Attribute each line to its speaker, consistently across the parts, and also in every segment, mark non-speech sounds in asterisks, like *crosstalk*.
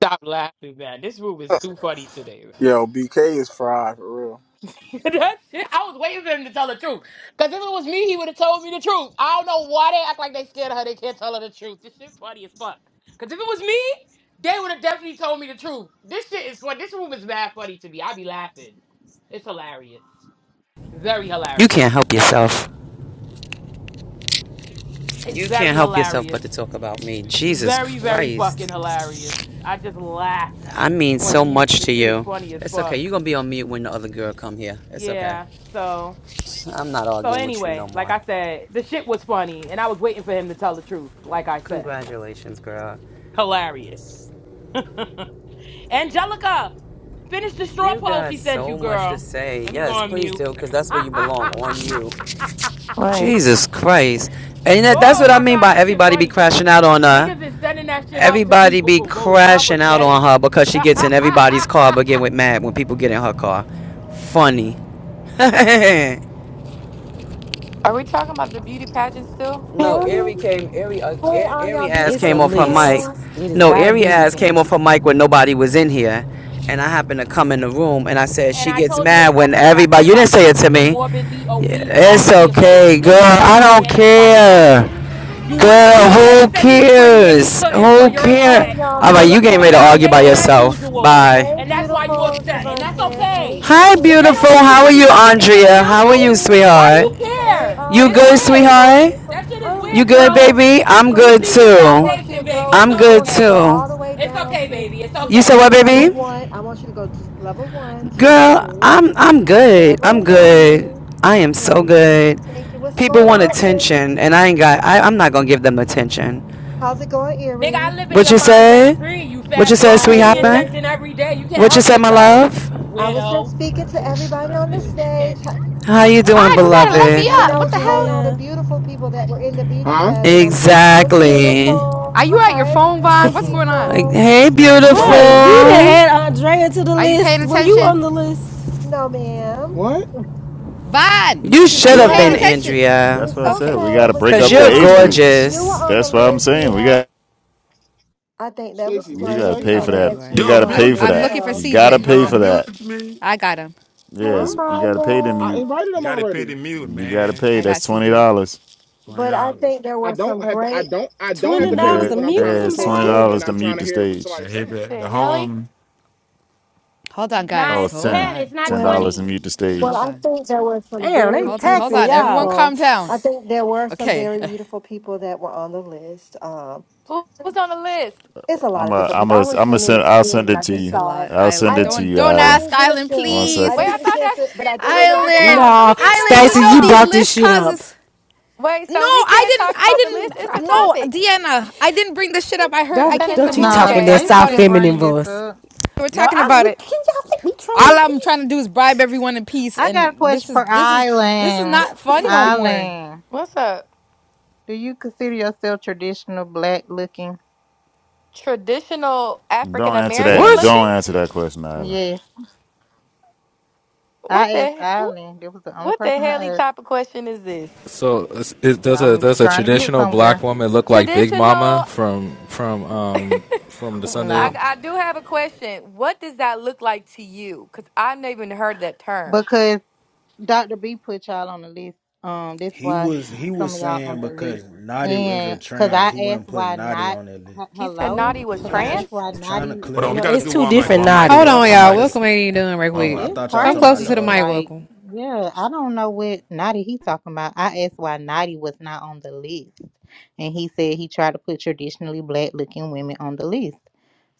Speaker 1: Stop laughing, man. This room is too funny today.
Speaker 2: Yo, BK is fried for real.
Speaker 1: *laughs* that shit, I was waiting for him to tell the truth. Because if it was me, he would have told me the truth. I don't know why they act like they scared of her. They can't tell her the truth. This shit funny as fuck. Because if it was me, they would have definitely told me the truth. This shit is funny. This room is mad funny to me. I be laughing. It's hilarious. Very
Speaker 3: You
Speaker 1: hilarious.
Speaker 3: can't help yourself.
Speaker 1: It's
Speaker 3: You
Speaker 1: very
Speaker 3: can't help yourself but
Speaker 1: hilarious.
Speaker 3: to talk about me. Jesus
Speaker 1: Very, very fucking
Speaker 3: Christ.
Speaker 1: hilarious. I just laugh
Speaker 3: I mean
Speaker 1: on
Speaker 3: so
Speaker 1: mute.
Speaker 3: much
Speaker 1: This
Speaker 3: to
Speaker 1: shit is
Speaker 3: you.
Speaker 1: funny as
Speaker 3: It's okay.
Speaker 1: fuck.
Speaker 3: You're going to be on mute when the other girl come here. It's okay.
Speaker 1: Yeah. So.
Speaker 3: I'm not
Speaker 1: So
Speaker 3: arguing with you no
Speaker 1: anyway, like
Speaker 3: more.
Speaker 1: I said, the shit was funny, and I was waiting for him to tell the truth. Like I said,
Speaker 3: Congratulations, girl.
Speaker 1: hilarious. *laughs* Angelica, finish the straw
Speaker 3: You
Speaker 1: poll
Speaker 3: got
Speaker 1: she sent you,
Speaker 3: so much to
Speaker 1: girl.
Speaker 3: say.
Speaker 1: Let me go
Speaker 3: Yes,
Speaker 1: on
Speaker 3: please
Speaker 1: mute.
Speaker 3: do, because
Speaker 1: *laughs*
Speaker 3: that's where you belong, on you.
Speaker 4: Right.
Speaker 3: Jesus Christ. And that, that's
Speaker 1: oh
Speaker 3: what I
Speaker 1: my
Speaker 3: mean
Speaker 1: god,
Speaker 3: by
Speaker 1: this shit
Speaker 3: everybody be
Speaker 1: funny.
Speaker 3: crashing out on uh
Speaker 1: Niggas is sending that shit out to
Speaker 3: Everybody
Speaker 1: people
Speaker 3: be
Speaker 1: for votes. How
Speaker 3: crashing out on
Speaker 1: pathetic.
Speaker 3: her because
Speaker 1: *laughs*
Speaker 3: she
Speaker 1: and
Speaker 3: gets in everybody's car but get with mad when people get in her car. Funny. *laughs* no,
Speaker 4: Are we talking about the beauty pageant still?
Speaker 5: Hey,
Speaker 3: Ari came Ari uh,
Speaker 5: hey, all
Speaker 3: A-
Speaker 5: y'all
Speaker 3: Ari ass
Speaker 6: It's
Speaker 5: beautiful
Speaker 6: a
Speaker 3: came off her mic.
Speaker 6: list.
Speaker 5: people.
Speaker 6: It is
Speaker 3: No,
Speaker 6: not a
Speaker 3: Ari
Speaker 6: beauty
Speaker 3: ass came off
Speaker 6: pageant.
Speaker 3: her mic when nobody was in here. And I happened to come in the room and I said she
Speaker 1: I
Speaker 3: gets
Speaker 1: told you
Speaker 3: mad when
Speaker 1: exactly what I
Speaker 3: everybody
Speaker 1: said
Speaker 3: you didn't
Speaker 1: about
Speaker 3: say it to
Speaker 1: your
Speaker 3: me.
Speaker 1: morbidly
Speaker 3: Yeah,
Speaker 1: obese ass
Speaker 3: it's
Speaker 1: to your face. You
Speaker 3: okay,
Speaker 1: didn't
Speaker 3: girl.
Speaker 1: belong
Speaker 3: I
Speaker 1: on there,
Speaker 3: don't
Speaker 1: and that's why you mad.
Speaker 3: care.
Speaker 1: You wanted
Speaker 3: Girl,
Speaker 1: BK to
Speaker 3: who
Speaker 1: say you was pretty and he
Speaker 3: cares?
Speaker 1: couldn't, so
Speaker 3: Who
Speaker 1: you're
Speaker 5: Hey,
Speaker 3: care?
Speaker 5: all
Speaker 1: upset.
Speaker 5: y'all
Speaker 3: Alright,
Speaker 1: You're
Speaker 3: you
Speaker 1: looking
Speaker 3: getting
Speaker 1: for
Speaker 5: beautiful
Speaker 3: ready to argue by
Speaker 1: validation as
Speaker 5: people.
Speaker 3: yourself.
Speaker 1: usual,
Speaker 3: Bye.
Speaker 5: Hey,
Speaker 1: and that's why you're
Speaker 5: beautiful
Speaker 1: upset. And that's
Speaker 5: Shavantes. Hey,
Speaker 1: okay.
Speaker 3: Hi,
Speaker 5: beautiful.
Speaker 1: If they
Speaker 3: beautiful.
Speaker 1: don't think you
Speaker 3: How are
Speaker 1: pretty,
Speaker 3: you,
Speaker 1: what's good? It's gonna
Speaker 3: Andrea?
Speaker 1: kill
Speaker 3: How are
Speaker 1: you.
Speaker 3: you,
Speaker 5: Dylan.
Speaker 1: Why do
Speaker 3: sweetheart?
Speaker 1: you
Speaker 5: Hey,
Speaker 1: care?
Speaker 5: all
Speaker 3: You
Speaker 1: It's
Speaker 5: y'all
Speaker 3: good,
Speaker 1: weird.
Speaker 5: beautiful
Speaker 3: sweetheart?
Speaker 5: people.
Speaker 1: That shit is
Speaker 5: I'm
Speaker 3: You
Speaker 1: weird,
Speaker 5: good.
Speaker 3: good,
Speaker 1: bro.
Speaker 3: baby?
Speaker 5: I
Speaker 1: You
Speaker 3: I'm
Speaker 5: want,
Speaker 1: you
Speaker 3: good
Speaker 1: seeking
Speaker 5: I
Speaker 3: too.
Speaker 5: want you to
Speaker 1: validation, baby.
Speaker 5: go.
Speaker 1: It's
Speaker 3: I'm
Speaker 5: I
Speaker 3: good
Speaker 5: want you to go
Speaker 1: okay.
Speaker 3: too.
Speaker 5: all the way
Speaker 1: It's
Speaker 5: down
Speaker 1: okay,
Speaker 5: to,
Speaker 1: baby. It's
Speaker 5: to,
Speaker 3: You said
Speaker 5: to
Speaker 3: what,
Speaker 1: okay.
Speaker 5: level
Speaker 3: baby?
Speaker 5: one. I want you to go to level one,
Speaker 3: Girl,
Speaker 5: Shavantes.
Speaker 3: I'm I'm good. I'm
Speaker 5: Level
Speaker 3: good.
Speaker 5: one.
Speaker 3: I am so
Speaker 5: Okay.
Speaker 3: good.
Speaker 5: Thank you. What's
Speaker 3: People
Speaker 5: going
Speaker 3: want
Speaker 5: on, Mary?
Speaker 3: attention, and I ain't got. I, I'm not gonna give them attention.
Speaker 5: How's it going,
Speaker 1: Nigga,
Speaker 5: Erie?
Speaker 1: I live in
Speaker 3: What
Speaker 1: your
Speaker 3: you
Speaker 1: mind rent
Speaker 3: said?
Speaker 1: free. You
Speaker 3: What
Speaker 1: fat
Speaker 3: you said,
Speaker 1: bitch. You
Speaker 5: I
Speaker 1: give me
Speaker 3: sweetheart?
Speaker 5: live.
Speaker 1: attention
Speaker 3: man?
Speaker 1: every day. You can't
Speaker 3: What you
Speaker 1: help
Speaker 3: said, my
Speaker 1: yourself,
Speaker 3: love?
Speaker 5: I was just
Speaker 1: weirdo.
Speaker 5: speaking
Speaker 7: Not
Speaker 5: to
Speaker 7: this,
Speaker 5: everybody on
Speaker 7: not
Speaker 5: the
Speaker 1: Bitch is
Speaker 7: this.
Speaker 1: weird.
Speaker 5: stage,
Speaker 3: How you
Speaker 1: Go run
Speaker 3: doing,
Speaker 8: Vaughn, you
Speaker 1: around the
Speaker 8: gotta
Speaker 1: park
Speaker 8: let
Speaker 1: or
Speaker 8: me
Speaker 3: beloved?
Speaker 6: Hey,
Speaker 5: and I
Speaker 8: up.
Speaker 1: something.
Speaker 8: What
Speaker 5: was
Speaker 8: the hell?
Speaker 5: calling all the
Speaker 6: Andrea.
Speaker 5: beautiful people that were in the beauty
Speaker 2: Huh?
Speaker 5: pageant. I'm calling them
Speaker 3: Exactly.
Speaker 8: Are
Speaker 5: beautiful.
Speaker 8: you at your
Speaker 5: Hi,
Speaker 8: phone, Vaughn?
Speaker 5: beautiful
Speaker 8: What's going on?
Speaker 3: Like,
Speaker 5: people.
Speaker 3: hey,
Speaker 2: What
Speaker 6: Wait,
Speaker 2: happened?
Speaker 6: we didn't
Speaker 3: beautiful.
Speaker 6: add Andrea to the
Speaker 8: Are you paying
Speaker 6: list. Were you
Speaker 8: attention?
Speaker 6: on the list?
Speaker 5: No, ma'am,
Speaker 2: What?
Speaker 8: Vaughn,
Speaker 6: You
Speaker 3: You
Speaker 6: should
Speaker 8: are
Speaker 6: have
Speaker 3: should
Speaker 8: you
Speaker 3: have
Speaker 6: been.
Speaker 8: paying
Speaker 3: been
Speaker 2: Yes.
Speaker 8: attention?
Speaker 3: Andrea,
Speaker 9: That's
Speaker 5: it's
Speaker 9: what I said.
Speaker 8: Okay.
Speaker 9: We
Speaker 5: okay.
Speaker 9: got
Speaker 6: I
Speaker 9: to
Speaker 6: just
Speaker 5: But
Speaker 9: break
Speaker 3: cause
Speaker 6: thought
Speaker 9: up
Speaker 5: you were
Speaker 9: the
Speaker 3: you're
Speaker 6: about
Speaker 8: Where's
Speaker 5: on
Speaker 9: age
Speaker 6: that.
Speaker 5: the
Speaker 8: CJ?
Speaker 9: groups.
Speaker 5: you were
Speaker 3: gorgeous.
Speaker 5: on the
Speaker 9: That's what I'm
Speaker 5: list,
Speaker 9: saying. We
Speaker 5: Deanna.
Speaker 9: got
Speaker 5: I think that was
Speaker 2: Stacy, what
Speaker 9: you
Speaker 2: you
Speaker 5: great,
Speaker 9: got to
Speaker 2: say?
Speaker 9: pay
Speaker 8: Oh,
Speaker 9: for
Speaker 5: Deanna,
Speaker 8: there
Speaker 9: that.
Speaker 5: that
Speaker 8: you are.
Speaker 9: You
Speaker 5: you were
Speaker 9: got
Speaker 10: Don't
Speaker 9: to
Speaker 5: on
Speaker 8: I,
Speaker 5: the
Speaker 9: pay
Speaker 10: mute
Speaker 9: for
Speaker 8: I'm
Speaker 5: list.
Speaker 9: that.
Speaker 10: me.
Speaker 8: looking for
Speaker 5: So,
Speaker 9: You got to
Speaker 8: CJ. Hold
Speaker 9: pay
Speaker 8: on.
Speaker 10: Don't
Speaker 9: for that.
Speaker 10: mute me.
Speaker 8: I got him.
Speaker 5: hey,
Speaker 2: Huh?
Speaker 9: Yes, you got to pay to
Speaker 5: Maya.
Speaker 2: I
Speaker 9: mute.
Speaker 2: invited
Speaker 10: You
Speaker 2: him
Speaker 10: gotta pay the
Speaker 2: already.
Speaker 10: mute,
Speaker 9: You got to
Speaker 10: man.
Speaker 9: pay.
Speaker 8: I got
Speaker 9: That's twenty
Speaker 8: CJ.
Speaker 9: dollars.
Speaker 10: Twenty
Speaker 5: But I
Speaker 10: dollars.
Speaker 5: think there
Speaker 2: I
Speaker 5: were
Speaker 2: don't
Speaker 5: some
Speaker 2: have to I
Speaker 5: great.
Speaker 2: don't I don't have
Speaker 6: Twenty
Speaker 2: to pay the
Speaker 6: dollars
Speaker 9: Yeah,
Speaker 2: mute
Speaker 6: to
Speaker 2: when I'm
Speaker 6: mute
Speaker 2: trying to
Speaker 9: it's
Speaker 2: control the
Speaker 9: twenty
Speaker 6: somebody.
Speaker 2: room and
Speaker 9: dollars to
Speaker 2: I'm trying
Speaker 9: mute
Speaker 2: to
Speaker 9: the
Speaker 2: hear what
Speaker 9: stage.
Speaker 10: I
Speaker 2: somebody's
Speaker 10: hit
Speaker 2: saying.
Speaker 10: the,
Speaker 4: The
Speaker 10: the
Speaker 4: Helly?
Speaker 10: home.
Speaker 8: Hold on,
Speaker 1: Nah,
Speaker 9: Oh,
Speaker 8: guys.
Speaker 1: it's
Speaker 9: it's
Speaker 8: Hold
Speaker 9: ten.
Speaker 1: 10. It's
Speaker 8: on.
Speaker 1: not
Speaker 9: Ten
Speaker 5: Well.
Speaker 9: dollars to
Speaker 1: 20.
Speaker 9: mute the
Speaker 5: Well,
Speaker 8: Hold
Speaker 9: stage.
Speaker 5: I
Speaker 8: on.
Speaker 5: think there were some
Speaker 6: Damn, they
Speaker 5: very
Speaker 8: Hold on. Hold
Speaker 5: beautiful
Speaker 6: taxing
Speaker 8: on. Everyone
Speaker 6: y'all.
Speaker 5: people.
Speaker 8: calm down.
Speaker 5: I think there were some
Speaker 8: Okay.
Speaker 5: very
Speaker 8: *laughs*
Speaker 5: beautiful people that were on the list. Um,
Speaker 4: Who, who's on the list?
Speaker 5: it's a lot
Speaker 9: I'm
Speaker 5: of
Speaker 9: a.
Speaker 5: different
Speaker 9: I'm
Speaker 5: people. I
Speaker 9: a.
Speaker 5: only
Speaker 9: I'm a
Speaker 5: came in
Speaker 9: send.
Speaker 5: at
Speaker 9: I'll
Speaker 5: ten,
Speaker 9: send
Speaker 5: and
Speaker 9: it
Speaker 5: I
Speaker 9: to
Speaker 5: just
Speaker 8: It's
Speaker 9: you.
Speaker 8: a
Speaker 5: saw it.
Speaker 8: lot.
Speaker 9: I'll send
Speaker 5: I
Speaker 8: Island.
Speaker 9: it to
Speaker 5: didn't.
Speaker 8: Don't
Speaker 9: you,
Speaker 8: don't
Speaker 5: I
Speaker 9: Isla.
Speaker 8: ask
Speaker 5: didn't get a
Speaker 8: Island,
Speaker 9: One
Speaker 5: chance. I
Speaker 8: please.
Speaker 4: Wait,
Speaker 9: second.
Speaker 5: didn't
Speaker 4: I
Speaker 5: get a
Speaker 4: thought
Speaker 5: chance,
Speaker 4: that's
Speaker 5: to, but I
Speaker 8: *laughs*
Speaker 4: who
Speaker 5: do
Speaker 4: we
Speaker 5: remember
Speaker 4: talking
Speaker 8: Island.
Speaker 4: about.
Speaker 5: seeing.
Speaker 4: So
Speaker 6: No,
Speaker 4: we can't talk
Speaker 8: Island,
Speaker 4: about
Speaker 8: you
Speaker 6: Stacey,
Speaker 8: know
Speaker 6: you
Speaker 4: hold
Speaker 8: these
Speaker 6: brought
Speaker 4: on.
Speaker 6: this
Speaker 8: list
Speaker 6: shit up.
Speaker 8: causes.
Speaker 4: Wait,
Speaker 8: No,
Speaker 4: so we
Speaker 8: I
Speaker 4: can't
Speaker 8: didn't.
Speaker 4: talk about the
Speaker 6: *laughs* you
Speaker 8: I
Speaker 4: list. It's
Speaker 8: didn't.
Speaker 4: the
Speaker 6: brought it
Speaker 8: No,
Speaker 6: up.
Speaker 4: topic.
Speaker 8: Deanna, I didn't bring this shit up. I heard. I
Speaker 6: Don't,
Speaker 4: Send
Speaker 8: came
Speaker 4: it
Speaker 8: in the
Speaker 4: to
Speaker 6: don't you
Speaker 4: me,
Speaker 8: room and
Speaker 11: No,
Speaker 8: they
Speaker 6: talk
Speaker 8: were
Speaker 6: in that
Speaker 4: BK.
Speaker 11: Stacey
Speaker 8: talking about
Speaker 6: soft
Speaker 8: it.
Speaker 11: didn't
Speaker 6: feminine
Speaker 11: bring this
Speaker 6: voice.
Speaker 11: up.
Speaker 8: They were
Speaker 6: No,
Speaker 8: talking
Speaker 6: I can
Speaker 8: about it.
Speaker 6: y'all think we
Speaker 8: All
Speaker 6: trolling,
Speaker 8: I'm trying
Speaker 6: please?
Speaker 8: to do is bribe everyone in peace,
Speaker 11: I got a
Speaker 8: and this
Speaker 11: question
Speaker 8: is
Speaker 11: for
Speaker 8: this is this is
Speaker 11: Eileen.
Speaker 8: not fun no more.
Speaker 11: Eileen,
Speaker 4: What's up?
Speaker 11: do you consider yourself traditional black looking?
Speaker 4: Traditional African
Speaker 9: Don't answer
Speaker 4: American
Speaker 9: that.
Speaker 12: What?
Speaker 4: looking?
Speaker 9: Don't answer that question, Isla.
Speaker 11: Yes.
Speaker 4: What
Speaker 11: I asked
Speaker 4: the wh-
Speaker 11: Eileen. That was the only
Speaker 4: what the
Speaker 11: person
Speaker 4: helly
Speaker 11: I asked.
Speaker 4: type of question is this?
Speaker 12: So is- does a
Speaker 11: I'm
Speaker 12: does a
Speaker 11: trying to get
Speaker 12: traditional black
Speaker 11: somewhere.
Speaker 12: woman look like Big Mama
Speaker 4: Traditional
Speaker 12: from from
Speaker 4: *laughs* I,
Speaker 12: um from the
Speaker 11: No.
Speaker 12: Sunday?
Speaker 4: I do have a question. What does that look like to you? Because I've never even heard of that term.
Speaker 11: Because Dr. B put y'all on the list. Um, that's
Speaker 7: He
Speaker 11: why
Speaker 7: was he was
Speaker 11: some of y'all on
Speaker 7: saying
Speaker 11: the
Speaker 7: because
Speaker 11: list.
Speaker 7: Naughty is a
Speaker 11: And because I
Speaker 7: trans, he wasn't
Speaker 11: asked
Speaker 7: putting
Speaker 11: why
Speaker 7: Naughty
Speaker 11: not,
Speaker 7: on that list.
Speaker 11: h-
Speaker 4: He said
Speaker 11: hello?
Speaker 4: Naughty was
Speaker 3: Oh,
Speaker 11: Because I
Speaker 3: now she
Speaker 11: asked
Speaker 4: trans?
Speaker 11: why
Speaker 7: I'm
Speaker 11: not.
Speaker 7: trying to
Speaker 10: Hold on,
Speaker 7: clear.
Speaker 10: we
Speaker 6: No,
Speaker 3: be
Speaker 10: gotta
Speaker 6: it's
Speaker 10: do
Speaker 6: two
Speaker 10: one mic,
Speaker 3: how
Speaker 6: different
Speaker 10: one
Speaker 3: come?
Speaker 10: mic,
Speaker 7: If
Speaker 13: Hold
Speaker 7: y'all
Speaker 10: y'all,
Speaker 6: naughties.
Speaker 13: on,
Speaker 10: one
Speaker 7: talking
Speaker 13: y'all.
Speaker 7: about
Speaker 10: mic, y'all,
Speaker 7: this,
Speaker 13: Welcome ain't even done right
Speaker 10: one
Speaker 7: uh,
Speaker 13: quick.
Speaker 7: I
Speaker 10: mic.
Speaker 11: That's
Speaker 7: thought y'all
Speaker 13: Come
Speaker 7: talking about
Speaker 13: closer
Speaker 7: the
Speaker 13: to
Speaker 11: crazy.
Speaker 13: the
Speaker 7: other one.
Speaker 13: mic.
Speaker 11: Like,
Speaker 13: Welcome.
Speaker 11: yeah, I don't know what Naughty he talking about. I asked why Naughty was not on the list, and he said he tried to put traditionally black looking women on the list.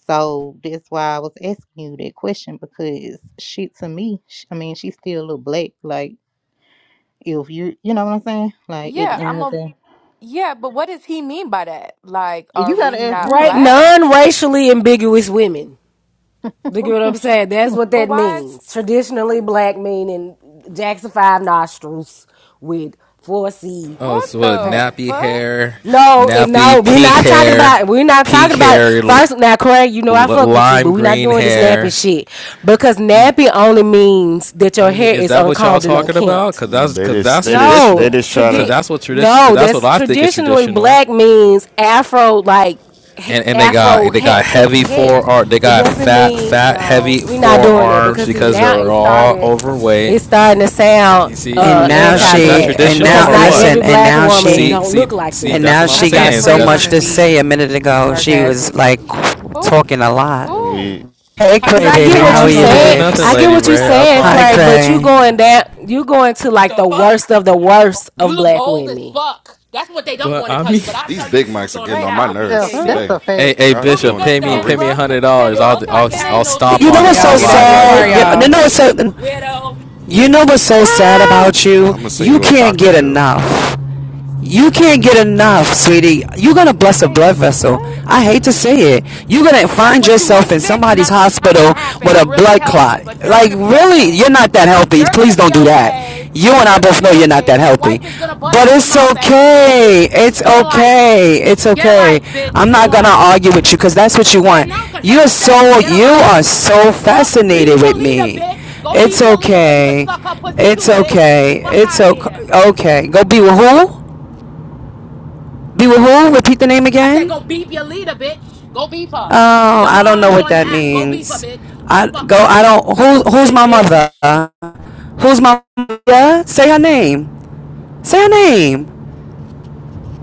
Speaker 11: So that's why I was asking you that question because shit to me, sh- I mean, she still look black. Like, if you, you know what I'm saying? Like, at the
Speaker 4: Yeah,
Speaker 11: end
Speaker 4: I'm
Speaker 11: of the
Speaker 4: a
Speaker 11: day,
Speaker 4: yeah, but what does he mean by that? Like, are
Speaker 11: you
Speaker 4: we
Speaker 11: gotta ask
Speaker 4: not
Speaker 6: Right,
Speaker 11: him.
Speaker 4: black?
Speaker 6: non-racially ambiguous women. You get
Speaker 4: Wh-
Speaker 6: what I'm saying? That's what
Speaker 4: But
Speaker 6: that
Speaker 4: why is
Speaker 6: means. Traditionally, black meaning Jackson Five nostrils with four C
Speaker 12: Oh,
Speaker 4: what
Speaker 12: so what?
Speaker 4: the
Speaker 6: hair.
Speaker 12: Nappy
Speaker 4: fuck?
Speaker 12: hair,
Speaker 6: No, and no,
Speaker 12: nappy
Speaker 6: we're
Speaker 12: pink
Speaker 6: not talking
Speaker 12: hair,
Speaker 6: about. We're not
Speaker 12: pink
Speaker 6: talking about.
Speaker 12: hair, l-
Speaker 6: First, now, Craig, you know I fuck with you, but
Speaker 12: lime
Speaker 6: we're not
Speaker 12: green
Speaker 6: doing this napping
Speaker 12: hair.
Speaker 6: shit because
Speaker 12: You,
Speaker 6: napping only means that
Speaker 12: I
Speaker 6: your
Speaker 12: mean,
Speaker 6: hair
Speaker 12: is
Speaker 6: is
Speaker 12: that what y'all
Speaker 6: uncombed and
Speaker 12: talking about?
Speaker 6: unkempt.
Speaker 12: Cause that's
Speaker 9: They
Speaker 12: cause
Speaker 9: just.
Speaker 12: that's
Speaker 9: They just.
Speaker 6: No,
Speaker 9: They
Speaker 12: traditional.
Speaker 9: just try
Speaker 12: Cause
Speaker 6: tradi-
Speaker 9: to.
Speaker 12: that's what tradition. Cause
Speaker 6: no,
Speaker 12: that's what
Speaker 6: that's
Speaker 12: I think is
Speaker 6: traditionally
Speaker 12: traditional.
Speaker 6: black means afro like h-
Speaker 12: And and they got
Speaker 6: afro
Speaker 12: they
Speaker 6: ha-
Speaker 12: got
Speaker 6: kinky
Speaker 12: heavy
Speaker 6: hair.
Speaker 12: forearm. They
Speaker 6: It
Speaker 12: got
Speaker 6: doesn't
Speaker 12: fat
Speaker 6: mean
Speaker 12: fat
Speaker 6: no,
Speaker 12: heavy
Speaker 6: we're not doing it
Speaker 12: forearms
Speaker 6: because see
Speaker 12: because
Speaker 6: now
Speaker 12: they're
Speaker 6: it
Speaker 12: all
Speaker 6: started
Speaker 12: overweight.
Speaker 6: it's starting to sound
Speaker 12: You see, I
Speaker 3: And
Speaker 6: uh
Speaker 12: mean, is
Speaker 3: now
Speaker 12: that is that
Speaker 3: she,
Speaker 6: anti-black
Speaker 3: and
Speaker 12: traditional
Speaker 6: because
Speaker 3: now
Speaker 12: or
Speaker 3: and
Speaker 6: not
Speaker 12: what?
Speaker 3: listen,
Speaker 6: every
Speaker 3: and
Speaker 6: black
Speaker 3: now
Speaker 6: woman
Speaker 3: she,
Speaker 12: See,
Speaker 6: don't
Speaker 12: see,
Speaker 6: look like
Speaker 12: see,
Speaker 3: and
Speaker 6: that.
Speaker 12: that's
Speaker 3: now
Speaker 12: what I'm
Speaker 13: I
Speaker 3: she got
Speaker 13: think
Speaker 12: saying.
Speaker 3: so
Speaker 13: Cray trying
Speaker 3: much
Speaker 13: to
Speaker 3: to
Speaker 12: That
Speaker 13: be
Speaker 3: say. A minute ago, she was
Speaker 13: sarcastic.
Speaker 3: like
Speaker 4: Who
Speaker 3: talking a lot.
Speaker 9: We
Speaker 4: who?
Speaker 3: Hey,
Speaker 1: Because
Speaker 6: Cause
Speaker 3: Cray,
Speaker 1: you're
Speaker 6: I
Speaker 12: *laughs*
Speaker 3: baby,
Speaker 6: get
Speaker 12: I'm
Speaker 6: what
Speaker 1: fat
Speaker 3: how
Speaker 12: not
Speaker 3: are
Speaker 6: you
Speaker 1: and
Speaker 12: trying
Speaker 3: you,
Speaker 12: to do
Speaker 6: saying.
Speaker 1: ugly and
Speaker 12: nothing,
Speaker 6: I
Speaker 1: they
Speaker 3: babes?
Speaker 6: get
Speaker 1: don't
Speaker 12: Lady
Speaker 1: want
Speaker 6: what
Speaker 1: to
Speaker 6: you
Speaker 12: Ray.
Speaker 1: tell
Speaker 12: I
Speaker 1: you that,
Speaker 6: saying,
Speaker 3: Hi,
Speaker 1: bitch.
Speaker 6: Craig,
Speaker 12: promise.
Speaker 6: but you
Speaker 3: Cray.
Speaker 6: going down you going to like
Speaker 1: The
Speaker 6: the
Speaker 1: fuck?
Speaker 6: worst of the worst
Speaker 1: You
Speaker 6: of
Speaker 1: look
Speaker 6: black
Speaker 1: old as
Speaker 6: women.
Speaker 1: fuck. That's what they don't
Speaker 12: But
Speaker 1: want to
Speaker 12: I
Speaker 1: tell
Speaker 12: mean,
Speaker 1: you, but I'll
Speaker 14: These
Speaker 1: tell you the
Speaker 14: big
Speaker 1: truth
Speaker 14: mics are
Speaker 1: on
Speaker 14: getting
Speaker 4: Wait,
Speaker 14: on
Speaker 1: behalf
Speaker 14: my
Speaker 4: uh,
Speaker 1: of
Speaker 11: Yeah,
Speaker 14: nerves
Speaker 1: BK, bitch.
Speaker 11: that's
Speaker 14: today.
Speaker 6: So
Speaker 11: a
Speaker 12: *laughs* hey,
Speaker 11: fact.
Speaker 12: hey,
Speaker 14: Y'all
Speaker 1: You'll
Speaker 14: just
Speaker 1: be
Speaker 12: Bishop,
Speaker 14: doing it
Speaker 1: good,
Speaker 12: pay
Speaker 14: for no
Speaker 12: me,
Speaker 4: can
Speaker 12: pay
Speaker 1: though.
Speaker 12: me
Speaker 14: reason.
Speaker 12: a
Speaker 4: welcome
Speaker 12: hundred
Speaker 4: can
Speaker 12: dollars.
Speaker 1: You
Speaker 12: I'll,
Speaker 1: look
Speaker 4: welcome
Speaker 1: like
Speaker 12: I'll,
Speaker 1: you have
Speaker 12: I'll
Speaker 1: no
Speaker 4: finish?
Speaker 12: stomp
Speaker 3: You
Speaker 1: teeth.
Speaker 3: know
Speaker 12: on it
Speaker 3: what's
Speaker 4: Okay,
Speaker 13: Y'all
Speaker 3: so
Speaker 12: on
Speaker 1: That's
Speaker 13: get
Speaker 1: what
Speaker 13: out
Speaker 1: they
Speaker 12: live
Speaker 13: their
Speaker 4: never
Speaker 1: don't
Speaker 12: right
Speaker 13: car,
Speaker 3: sad?
Speaker 1: want to
Speaker 12: now.
Speaker 4: mind.
Speaker 3: You know,
Speaker 1: tell
Speaker 3: you
Speaker 4: Fuck
Speaker 13: y'all.
Speaker 3: know
Speaker 1: you.
Speaker 3: what's
Speaker 4: it.
Speaker 3: so,
Speaker 1: Widow.
Speaker 3: you know what's so sad
Speaker 6: ah!
Speaker 3: about you?
Speaker 14: I'm gonna send
Speaker 3: You
Speaker 14: you a
Speaker 3: can't
Speaker 14: doctor
Speaker 3: get
Speaker 14: bill.
Speaker 3: enough. You can't get enough, sweetie. You're gonna bless a
Speaker 4: Wait,
Speaker 3: blood vessel.
Speaker 4: what?
Speaker 3: I hate to say it. You're gonna
Speaker 1: That's
Speaker 3: find
Speaker 1: what you wish,
Speaker 3: yourself in
Speaker 1: bitch.
Speaker 3: somebody's
Speaker 1: Not, not going
Speaker 3: hospital
Speaker 1: to happen.
Speaker 3: with a
Speaker 1: I'm really
Speaker 3: blood
Speaker 1: healthy,
Speaker 3: clot.
Speaker 1: but you're going
Speaker 3: Like,
Speaker 1: to be
Speaker 3: really, you're
Speaker 1: okay.
Speaker 3: not that healthy.
Speaker 1: You're going
Speaker 3: Please
Speaker 1: to be
Speaker 3: don't do that.
Speaker 1: okay.
Speaker 3: You and I
Speaker 1: You're going to
Speaker 3: both know
Speaker 1: be
Speaker 3: you're not
Speaker 1: okay.
Speaker 3: that
Speaker 1: And your
Speaker 3: healthy.
Speaker 1: wife is going to bust
Speaker 3: But
Speaker 1: in your
Speaker 3: it's
Speaker 1: mouth as usual, bitch.
Speaker 3: okay. It's
Speaker 1: Get a life.
Speaker 3: okay. It's
Speaker 1: Get a
Speaker 3: okay.
Speaker 1: life, bitch.
Speaker 3: I'm
Speaker 1: Get a
Speaker 3: not gonna
Speaker 1: life.
Speaker 3: argue with you because that's what you
Speaker 1: Yeah,
Speaker 3: want.
Speaker 1: no, because you're
Speaker 3: You're
Speaker 1: pathetic.
Speaker 3: so
Speaker 1: Get a
Speaker 3: you
Speaker 1: life.
Speaker 3: are so
Speaker 1: Call, beep
Speaker 3: fascinated with
Speaker 1: your leader,
Speaker 3: me.
Speaker 1: bitch. Go beep
Speaker 3: It's
Speaker 1: your leader so you can
Speaker 3: okay.
Speaker 1: suck her pussy
Speaker 3: It's
Speaker 1: too, bitch.
Speaker 3: okay.
Speaker 1: Fuck
Speaker 3: It's
Speaker 1: out of here.
Speaker 3: okay. Okay. Go be with who? Be with who? Repeat the name
Speaker 1: I said go
Speaker 3: again.
Speaker 1: beep your leader, bitch. Go beep her.
Speaker 3: Oh,
Speaker 1: Your
Speaker 3: I don't know
Speaker 1: mom's
Speaker 3: what
Speaker 1: on the
Speaker 3: that
Speaker 1: app. Go beep her,
Speaker 3: means.
Speaker 1: bitch. Get the
Speaker 3: I
Speaker 1: fuck
Speaker 3: go.
Speaker 1: out of
Speaker 3: I
Speaker 1: here.
Speaker 3: don't.
Speaker 1: You
Speaker 3: Who? Who's
Speaker 1: weird
Speaker 3: my
Speaker 1: bitch.
Speaker 3: mother? Who's my mother? Say her name. Say her name.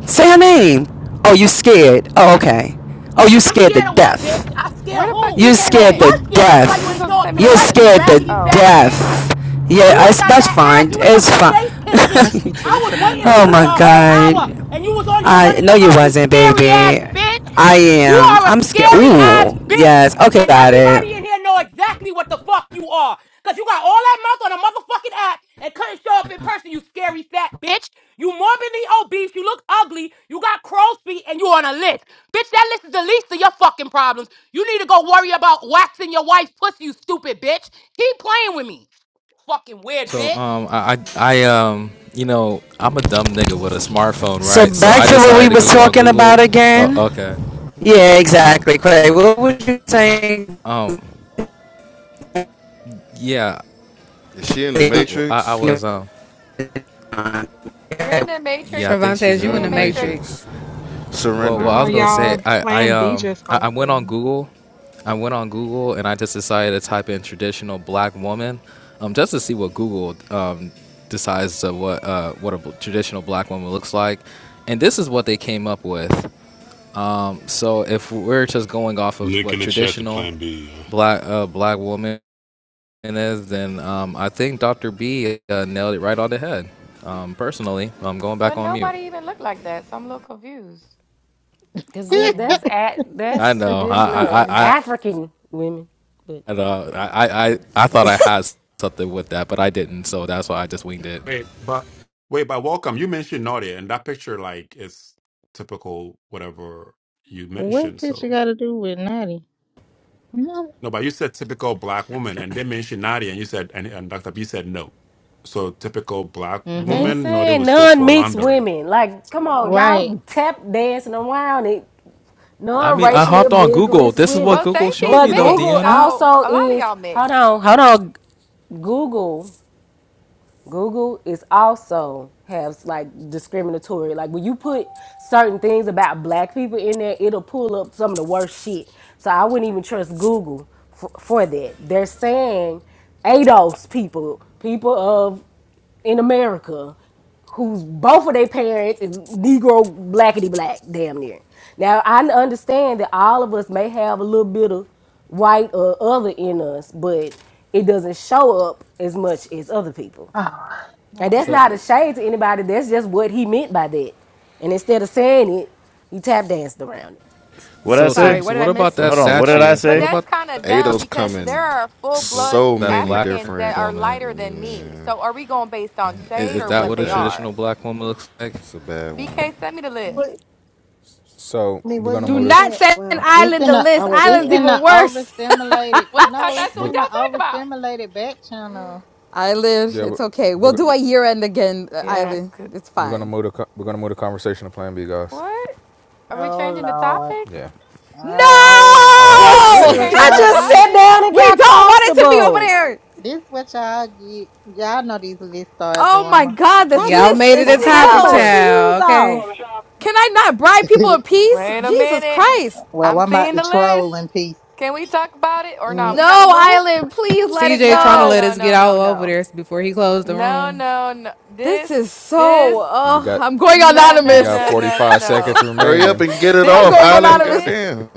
Speaker 3: Say her name. Oh, you scared? Oh, okay. Oh, you
Speaker 1: I'm
Speaker 3: scared to
Speaker 1: scared of what, bitch?
Speaker 3: death.
Speaker 1: I'm scared of
Speaker 4: Where the fuck
Speaker 1: who?
Speaker 3: You
Speaker 4: BK
Speaker 1: No,
Speaker 3: scared
Speaker 1: you're
Speaker 4: went?
Speaker 3: to
Speaker 1: scared. That's why you
Speaker 4: You were
Speaker 3: death.
Speaker 1: ain't
Speaker 4: supposed to
Speaker 1: show up
Speaker 4: send me
Speaker 1: to
Speaker 4: the
Speaker 3: You're
Speaker 1: fight,
Speaker 4: list.
Speaker 1: you
Speaker 3: scared to
Speaker 1: raggedy
Speaker 4: Oh,
Speaker 1: fat
Speaker 3: death.
Speaker 1: bitch. You
Speaker 3: Yeah,
Speaker 1: would have
Speaker 3: it's,
Speaker 1: got
Speaker 3: that's
Speaker 1: that ass.
Speaker 3: fine.
Speaker 1: You would have got
Speaker 3: It's
Speaker 1: your
Speaker 3: fine.
Speaker 1: face kicked in.
Speaker 15: Must be
Speaker 1: I was
Speaker 15: Teresa
Speaker 3: *laughs*
Speaker 1: waiting for
Speaker 3: oh
Speaker 1: you for
Speaker 3: my
Speaker 15: Mendoza.
Speaker 1: a whole hour,
Speaker 3: god.
Speaker 1: and you was on here
Speaker 3: I
Speaker 1: running
Speaker 3: no,
Speaker 1: your
Speaker 3: you
Speaker 1: mouth. You
Speaker 3: wasn't,
Speaker 1: scary ass
Speaker 3: baby.
Speaker 1: bitch.
Speaker 3: I
Speaker 1: You
Speaker 3: am.
Speaker 1: are a
Speaker 3: I'm scared.
Speaker 1: scary ass
Speaker 3: Ooh,
Speaker 1: bitch.
Speaker 3: yes. Okay,
Speaker 1: And
Speaker 3: got it.
Speaker 1: everybody in here know exactly what the fuck you are. Cause you got all that mouth on a motherfucking app and couldn't show up in person, you scary fat bitch. You morbidly obese, you look ugly, you got crow's feet, and you on a list. Bitch, that list is the least of your fucking problems. You need to go worry about waxing your wife's pussy, you stupid bitch. Keep playing with me fucking weird
Speaker 12: So,
Speaker 1: bitch.
Speaker 12: um, I, I, I, um, you know, I'm a dumb nigga with a smartphone,
Speaker 3: So
Speaker 12: right? So
Speaker 3: back
Speaker 12: I
Speaker 3: to what we
Speaker 12: decided to
Speaker 3: was
Speaker 12: go on
Speaker 3: talking about
Speaker 12: Google. Uh,
Speaker 3: again.
Speaker 12: okay.
Speaker 3: Yeah,
Speaker 12: Um,
Speaker 3: exactly.
Speaker 12: y-
Speaker 3: Craig, what was you saying?
Speaker 12: um, yeah,
Speaker 14: Is she in the
Speaker 12: I, I, I
Speaker 14: Matrix?
Speaker 12: was, um,
Speaker 4: you're
Speaker 3: Okay,
Speaker 4: in the
Speaker 12: yeah, I
Speaker 4: Matrix.
Speaker 12: think
Speaker 13: Trevon
Speaker 12: she's
Speaker 13: says
Speaker 12: in.
Speaker 4: You're
Speaker 13: you
Speaker 14: You're
Speaker 4: in
Speaker 13: in
Speaker 14: in
Speaker 4: the
Speaker 13: the
Speaker 14: the
Speaker 4: Matrix.
Speaker 14: Matrix.
Speaker 13: Matrix.
Speaker 12: Well,
Speaker 14: Surrender.
Speaker 12: well, I
Speaker 15: Oh,
Speaker 12: was gonna say
Speaker 15: y'all,
Speaker 12: I, I
Speaker 15: Plan B
Speaker 12: um
Speaker 15: just
Speaker 12: I, I went on
Speaker 15: opened.
Speaker 12: Google. I went on Google and I just decided to type in traditional black woman, um, just to see what Google um decides uh, what uh what a bl- traditional black woman looks like, and this is what they came up with. Um, so if we're just going off of
Speaker 16: Link
Speaker 12: what
Speaker 16: in the chat to
Speaker 12: traditional
Speaker 16: Plan B. Y'all.
Speaker 12: black uh, black woman is, then um, I think Dr. B uh, nailed it right on the head. Um, personally, I'm going
Speaker 4: But
Speaker 12: back on mute.
Speaker 4: nobody even looked like that, so I'm a little confused
Speaker 6: Cause
Speaker 4: on
Speaker 11: *laughs*
Speaker 6: that
Speaker 4: here.
Speaker 6: that's a
Speaker 12: I
Speaker 6: that's
Speaker 12: know.
Speaker 4: I'm
Speaker 12: I
Speaker 6: traditional
Speaker 12: I,
Speaker 4: confused.
Speaker 12: I
Speaker 6: African women, but
Speaker 12: at all. I, I, I,
Speaker 6: okay.
Speaker 12: thought I had something with that, but I didn't, so that's why I just winged it.
Speaker 10: Wait, but wait, but welcome. You mentioned naughty, and that picture like is typical whatever you
Speaker 11: what
Speaker 10: mentioned.
Speaker 11: picture
Speaker 10: So
Speaker 11: got to do with Naughty? No.
Speaker 10: no, but you said typical black woman, and they mentioned naughty, and you said and, and Dr. B said no. So typical black
Speaker 11: Mm-hmm.
Speaker 6: They
Speaker 10: woman, naughty
Speaker 6: saying
Speaker 10: would still fall
Speaker 6: non-mixed
Speaker 10: under it.
Speaker 6: women. Like, come on,
Speaker 11: Right.
Speaker 6: y'all tap dancing around it.
Speaker 12: I mean, I
Speaker 6: Non-racially
Speaker 12: hopped on Google.
Speaker 6: ambiguous
Speaker 12: This is what
Speaker 6: women.
Speaker 4: Well,
Speaker 12: Google showed
Speaker 4: Stacey's
Speaker 6: But
Speaker 12: me, though,
Speaker 4: mixed,
Speaker 6: Google
Speaker 12: Deanna.
Speaker 4: so
Speaker 6: also
Speaker 4: a lot of
Speaker 6: is
Speaker 4: y'all
Speaker 6: hold
Speaker 4: mixed.
Speaker 6: on, hold on. Google Google is also has like discriminatory. Like when you put certain things about black people in there, it'll pull up some of the worst shit. So I wouldn't even trust Google for, for that. They're saying ADOS people, people of in America, who's both of their parents is Negro blackity black, damn near. Now I understand that all of us may have a little bit of white or other in us, but it doesn't show up as much as other people.
Speaker 15: Oh,
Speaker 6: And that's
Speaker 15: okay.
Speaker 12: So,
Speaker 6: not a shade to anybody. That's just what he meant by that. And instead of saying it, he tap danced around it.
Speaker 9: What I
Speaker 12: so, so,
Speaker 8: Sorry,
Speaker 9: say?
Speaker 8: what
Speaker 12: so,
Speaker 8: did
Speaker 12: what
Speaker 8: I
Speaker 12: about
Speaker 8: miss?
Speaker 9: Well,
Speaker 12: that
Speaker 9: hold on. What did
Speaker 4: But
Speaker 9: I
Speaker 12: statue?
Speaker 4: but
Speaker 12: What
Speaker 9: say?
Speaker 4: that's
Speaker 12: about
Speaker 4: kind of dumb
Speaker 14: Ado's
Speaker 4: because there
Speaker 14: coming.
Speaker 4: are full blood
Speaker 14: So
Speaker 12: that
Speaker 14: many
Speaker 12: black
Speaker 4: Africans that
Speaker 14: different.
Speaker 4: are
Speaker 12: woman?
Speaker 4: lighter than me.
Speaker 14: Yeah,
Speaker 4: So are we going based on
Speaker 12: Is,
Speaker 4: shade
Speaker 12: is
Speaker 14: it'll
Speaker 4: or
Speaker 14: be
Speaker 12: that
Speaker 14: a
Speaker 4: what
Speaker 12: what a
Speaker 4: they
Speaker 14: bad.
Speaker 4: are?
Speaker 12: traditional black woman looks like?
Speaker 14: It's a bad one.
Speaker 4: BK, send me the list.
Speaker 5: What,
Speaker 17: So
Speaker 5: I mean,
Speaker 17: we're
Speaker 5: what
Speaker 17: gonna
Speaker 5: he
Speaker 8: Do
Speaker 17: move
Speaker 5: be
Speaker 17: this.
Speaker 8: not
Speaker 5: saying?
Speaker 8: send
Speaker 5: Well, I don't
Speaker 11: It's
Speaker 5: know.
Speaker 8: Island
Speaker 11: in
Speaker 8: the
Speaker 11: a
Speaker 5: I
Speaker 8: list.
Speaker 5: wasn't
Speaker 11: it's
Speaker 8: Island's
Speaker 5: there.
Speaker 11: in the
Speaker 8: even worse.
Speaker 11: overstimulated
Speaker 4: Well, I thought
Speaker 11: no, it's
Speaker 4: that's
Speaker 17: We're,
Speaker 4: what
Speaker 11: in
Speaker 4: y'all
Speaker 11: the
Speaker 4: talk about.
Speaker 11: overstimulated back channel.
Speaker 8: *laughs* Island,
Speaker 17: yeah, we're,
Speaker 8: it's okay. We'll
Speaker 17: we're,
Speaker 8: do a year end again, uh,
Speaker 4: Yeah.
Speaker 8: Island.
Speaker 4: c-
Speaker 8: It's
Speaker 17: we're gonna
Speaker 8: fine.
Speaker 17: move the co- we're gonna move the conversation to Plan B, guys.
Speaker 4: What? Are we
Speaker 11: Oh
Speaker 4: changing the
Speaker 11: Lord.
Speaker 4: topic?
Speaker 17: Yeah,
Speaker 8: No!
Speaker 11: Oh
Speaker 10: Oh
Speaker 11: Lord.
Speaker 4: Are
Speaker 6: Just
Speaker 11: This
Speaker 4: we
Speaker 8: *laughs*
Speaker 10: shit.
Speaker 11: what
Speaker 6: I
Speaker 4: changing the
Speaker 11: y'all
Speaker 6: just
Speaker 11: get.
Speaker 6: sat
Speaker 4: topic?
Speaker 6: down and
Speaker 8: we
Speaker 6: got
Speaker 8: don't want it to be over
Speaker 6: comfortable.
Speaker 8: there.
Speaker 11: This what y'all get. Y'all know these list star
Speaker 8: Oh my
Speaker 11: drama.
Speaker 8: god, this
Speaker 6: I
Speaker 13: Y'all
Speaker 8: list
Speaker 6: just
Speaker 13: made it
Speaker 6: I
Speaker 8: is
Speaker 13: a
Speaker 17: Okay,
Speaker 6: just took
Speaker 13: topic,
Speaker 17: uh,
Speaker 6: my
Speaker 8: hell.
Speaker 6: shoes
Speaker 13: child.
Speaker 17: can we call
Speaker 13: Okay.
Speaker 17: in
Speaker 6: off.
Speaker 17: the shop?
Speaker 8: Can I not bribe people of
Speaker 11: *laughs*
Speaker 8: peace?
Speaker 4: Wait a
Speaker 8: Jesus
Speaker 4: minute.
Speaker 8: Christ.
Speaker 11: well,
Speaker 4: I'm
Speaker 11: I'm about
Speaker 4: seeing
Speaker 11: to
Speaker 4: the list.
Speaker 11: troll in peace.
Speaker 4: Can we talk about it or not?
Speaker 11: Mm,
Speaker 4: We gotta
Speaker 8: No,
Speaker 4: move.
Speaker 8: Island, please let it
Speaker 13: CJ
Speaker 4: No,
Speaker 13: trying to
Speaker 4: no,
Speaker 8: go.
Speaker 13: let
Speaker 4: no,
Speaker 13: us get
Speaker 4: no, no,
Speaker 13: all over
Speaker 4: no.
Speaker 13: there before he closed the
Speaker 4: No,
Speaker 13: room.
Speaker 4: no, no.
Speaker 8: This
Speaker 4: This,
Speaker 8: is so.
Speaker 4: this,
Speaker 17: you
Speaker 8: Uh,
Speaker 17: got
Speaker 8: I'm going
Speaker 4: no,
Speaker 17: you
Speaker 4: no,
Speaker 8: anonymous.
Speaker 17: got
Speaker 4: no, no, no,
Speaker 17: 45 seconds
Speaker 4: no.
Speaker 14: Hurry up
Speaker 17: remaining.
Speaker 14: and get it
Speaker 8: *laughs* I'm
Speaker 4: This
Speaker 14: off,
Speaker 8: going
Speaker 4: type of
Speaker 14: Island.
Speaker 8: anonymous.
Speaker 4: list,
Speaker 14: Goddamn.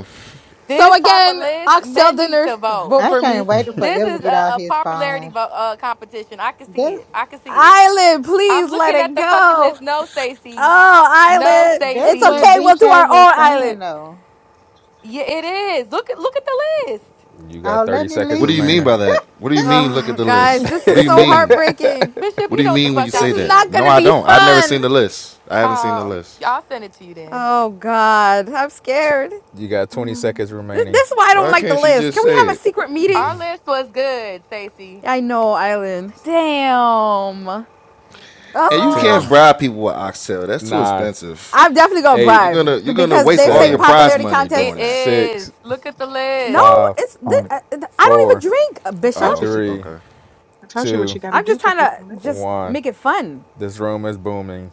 Speaker 8: So,
Speaker 4: this type of
Speaker 8: again,
Speaker 4: list,
Speaker 8: oxtail
Speaker 4: men need
Speaker 8: dinner,
Speaker 4: to vote.
Speaker 8: vote
Speaker 11: I
Speaker 8: for me.
Speaker 11: can't wait to
Speaker 4: This
Speaker 11: forever
Speaker 4: is
Speaker 11: get
Speaker 4: a,
Speaker 11: out
Speaker 4: a
Speaker 11: his
Speaker 4: popularity
Speaker 11: phone.
Speaker 4: vote uh, competition. I can see
Speaker 11: That's
Speaker 4: it. I can see it.
Speaker 8: Island,
Speaker 4: I'm
Speaker 8: please let
Speaker 4: looking at
Speaker 8: it
Speaker 4: the fucking
Speaker 8: go.
Speaker 4: list. No,
Speaker 8: Oh,
Speaker 4: Stacy. No,
Speaker 8: Island.
Speaker 11: that's
Speaker 8: It's
Speaker 4: Stacy.
Speaker 11: what
Speaker 8: okay. We'll do our
Speaker 11: BK was
Speaker 8: own
Speaker 11: saying
Speaker 8: Island.
Speaker 11: though.
Speaker 4: Yeah, it is. Look at look at the list,
Speaker 17: You got
Speaker 11: Oh,
Speaker 17: 30
Speaker 11: let me
Speaker 17: seconds
Speaker 14: What do you
Speaker 11: leave.
Speaker 14: mean
Speaker 17: remaining.
Speaker 14: by that? What do you mean? Look at
Speaker 8: Oh,
Speaker 14: the
Speaker 8: guys,
Speaker 14: list.
Speaker 8: this
Speaker 14: What do
Speaker 8: is
Speaker 14: you
Speaker 8: so
Speaker 14: mean?
Speaker 8: heartbreaking.
Speaker 4: Bishop.
Speaker 14: What
Speaker 4: You
Speaker 14: do you
Speaker 4: know what the
Speaker 14: mean when
Speaker 4: fuck
Speaker 14: you
Speaker 4: I
Speaker 8: This
Speaker 14: say
Speaker 8: is
Speaker 14: that?
Speaker 8: not
Speaker 4: mean,
Speaker 8: going
Speaker 14: No,
Speaker 8: to
Speaker 14: I
Speaker 8: be
Speaker 14: don't. I've never seen
Speaker 8: fun.
Speaker 14: the list. I haven't seen the
Speaker 4: child.
Speaker 14: list.
Speaker 4: I'll send it to you then.
Speaker 8: Oh, God. I'm scared.
Speaker 17: You got 20
Speaker 4: Mm.
Speaker 17: seconds
Speaker 8: This,
Speaker 17: remaining.
Speaker 8: this is why I don't
Speaker 14: Why
Speaker 8: like the
Speaker 14: can't you
Speaker 8: list.
Speaker 14: just
Speaker 8: Can we
Speaker 14: say
Speaker 8: have a
Speaker 14: it?
Speaker 8: secret meeting?
Speaker 4: Our list was good, Stacy.
Speaker 8: Yeah, I know, Island. Damn.
Speaker 14: And you can't
Speaker 17: Ten,
Speaker 8: Oh,
Speaker 14: bribe people with oxtail. That's too
Speaker 17: nine,
Speaker 14: expensive.
Speaker 8: I'm definitely gonna
Speaker 17: eight,
Speaker 14: You're
Speaker 8: bribe
Speaker 14: gonna you're gonna
Speaker 8: because
Speaker 14: waste
Speaker 8: they're
Speaker 14: all
Speaker 8: saying
Speaker 14: your
Speaker 17: seven,
Speaker 14: prize
Speaker 8: popularity
Speaker 14: money
Speaker 8: contest.
Speaker 4: It
Speaker 14: doing that.
Speaker 4: is.
Speaker 17: six,
Speaker 4: Look at the
Speaker 8: No,
Speaker 4: list.
Speaker 17: five,
Speaker 8: it's
Speaker 18: All
Speaker 8: th- I don't even
Speaker 17: four,
Speaker 8: drink,
Speaker 15: I told
Speaker 14: Oh,
Speaker 15: you,
Speaker 8: Bishop.
Speaker 15: C J.
Speaker 17: three,
Speaker 15: I
Speaker 14: okay.
Speaker 15: told you what
Speaker 17: two,
Speaker 15: you got to
Speaker 8: I'm
Speaker 15: do
Speaker 8: just
Speaker 15: for
Speaker 8: trying
Speaker 15: people
Speaker 8: to
Speaker 15: to
Speaker 17: one.
Speaker 15: listen.
Speaker 8: just make it fun.
Speaker 17: This room is booming.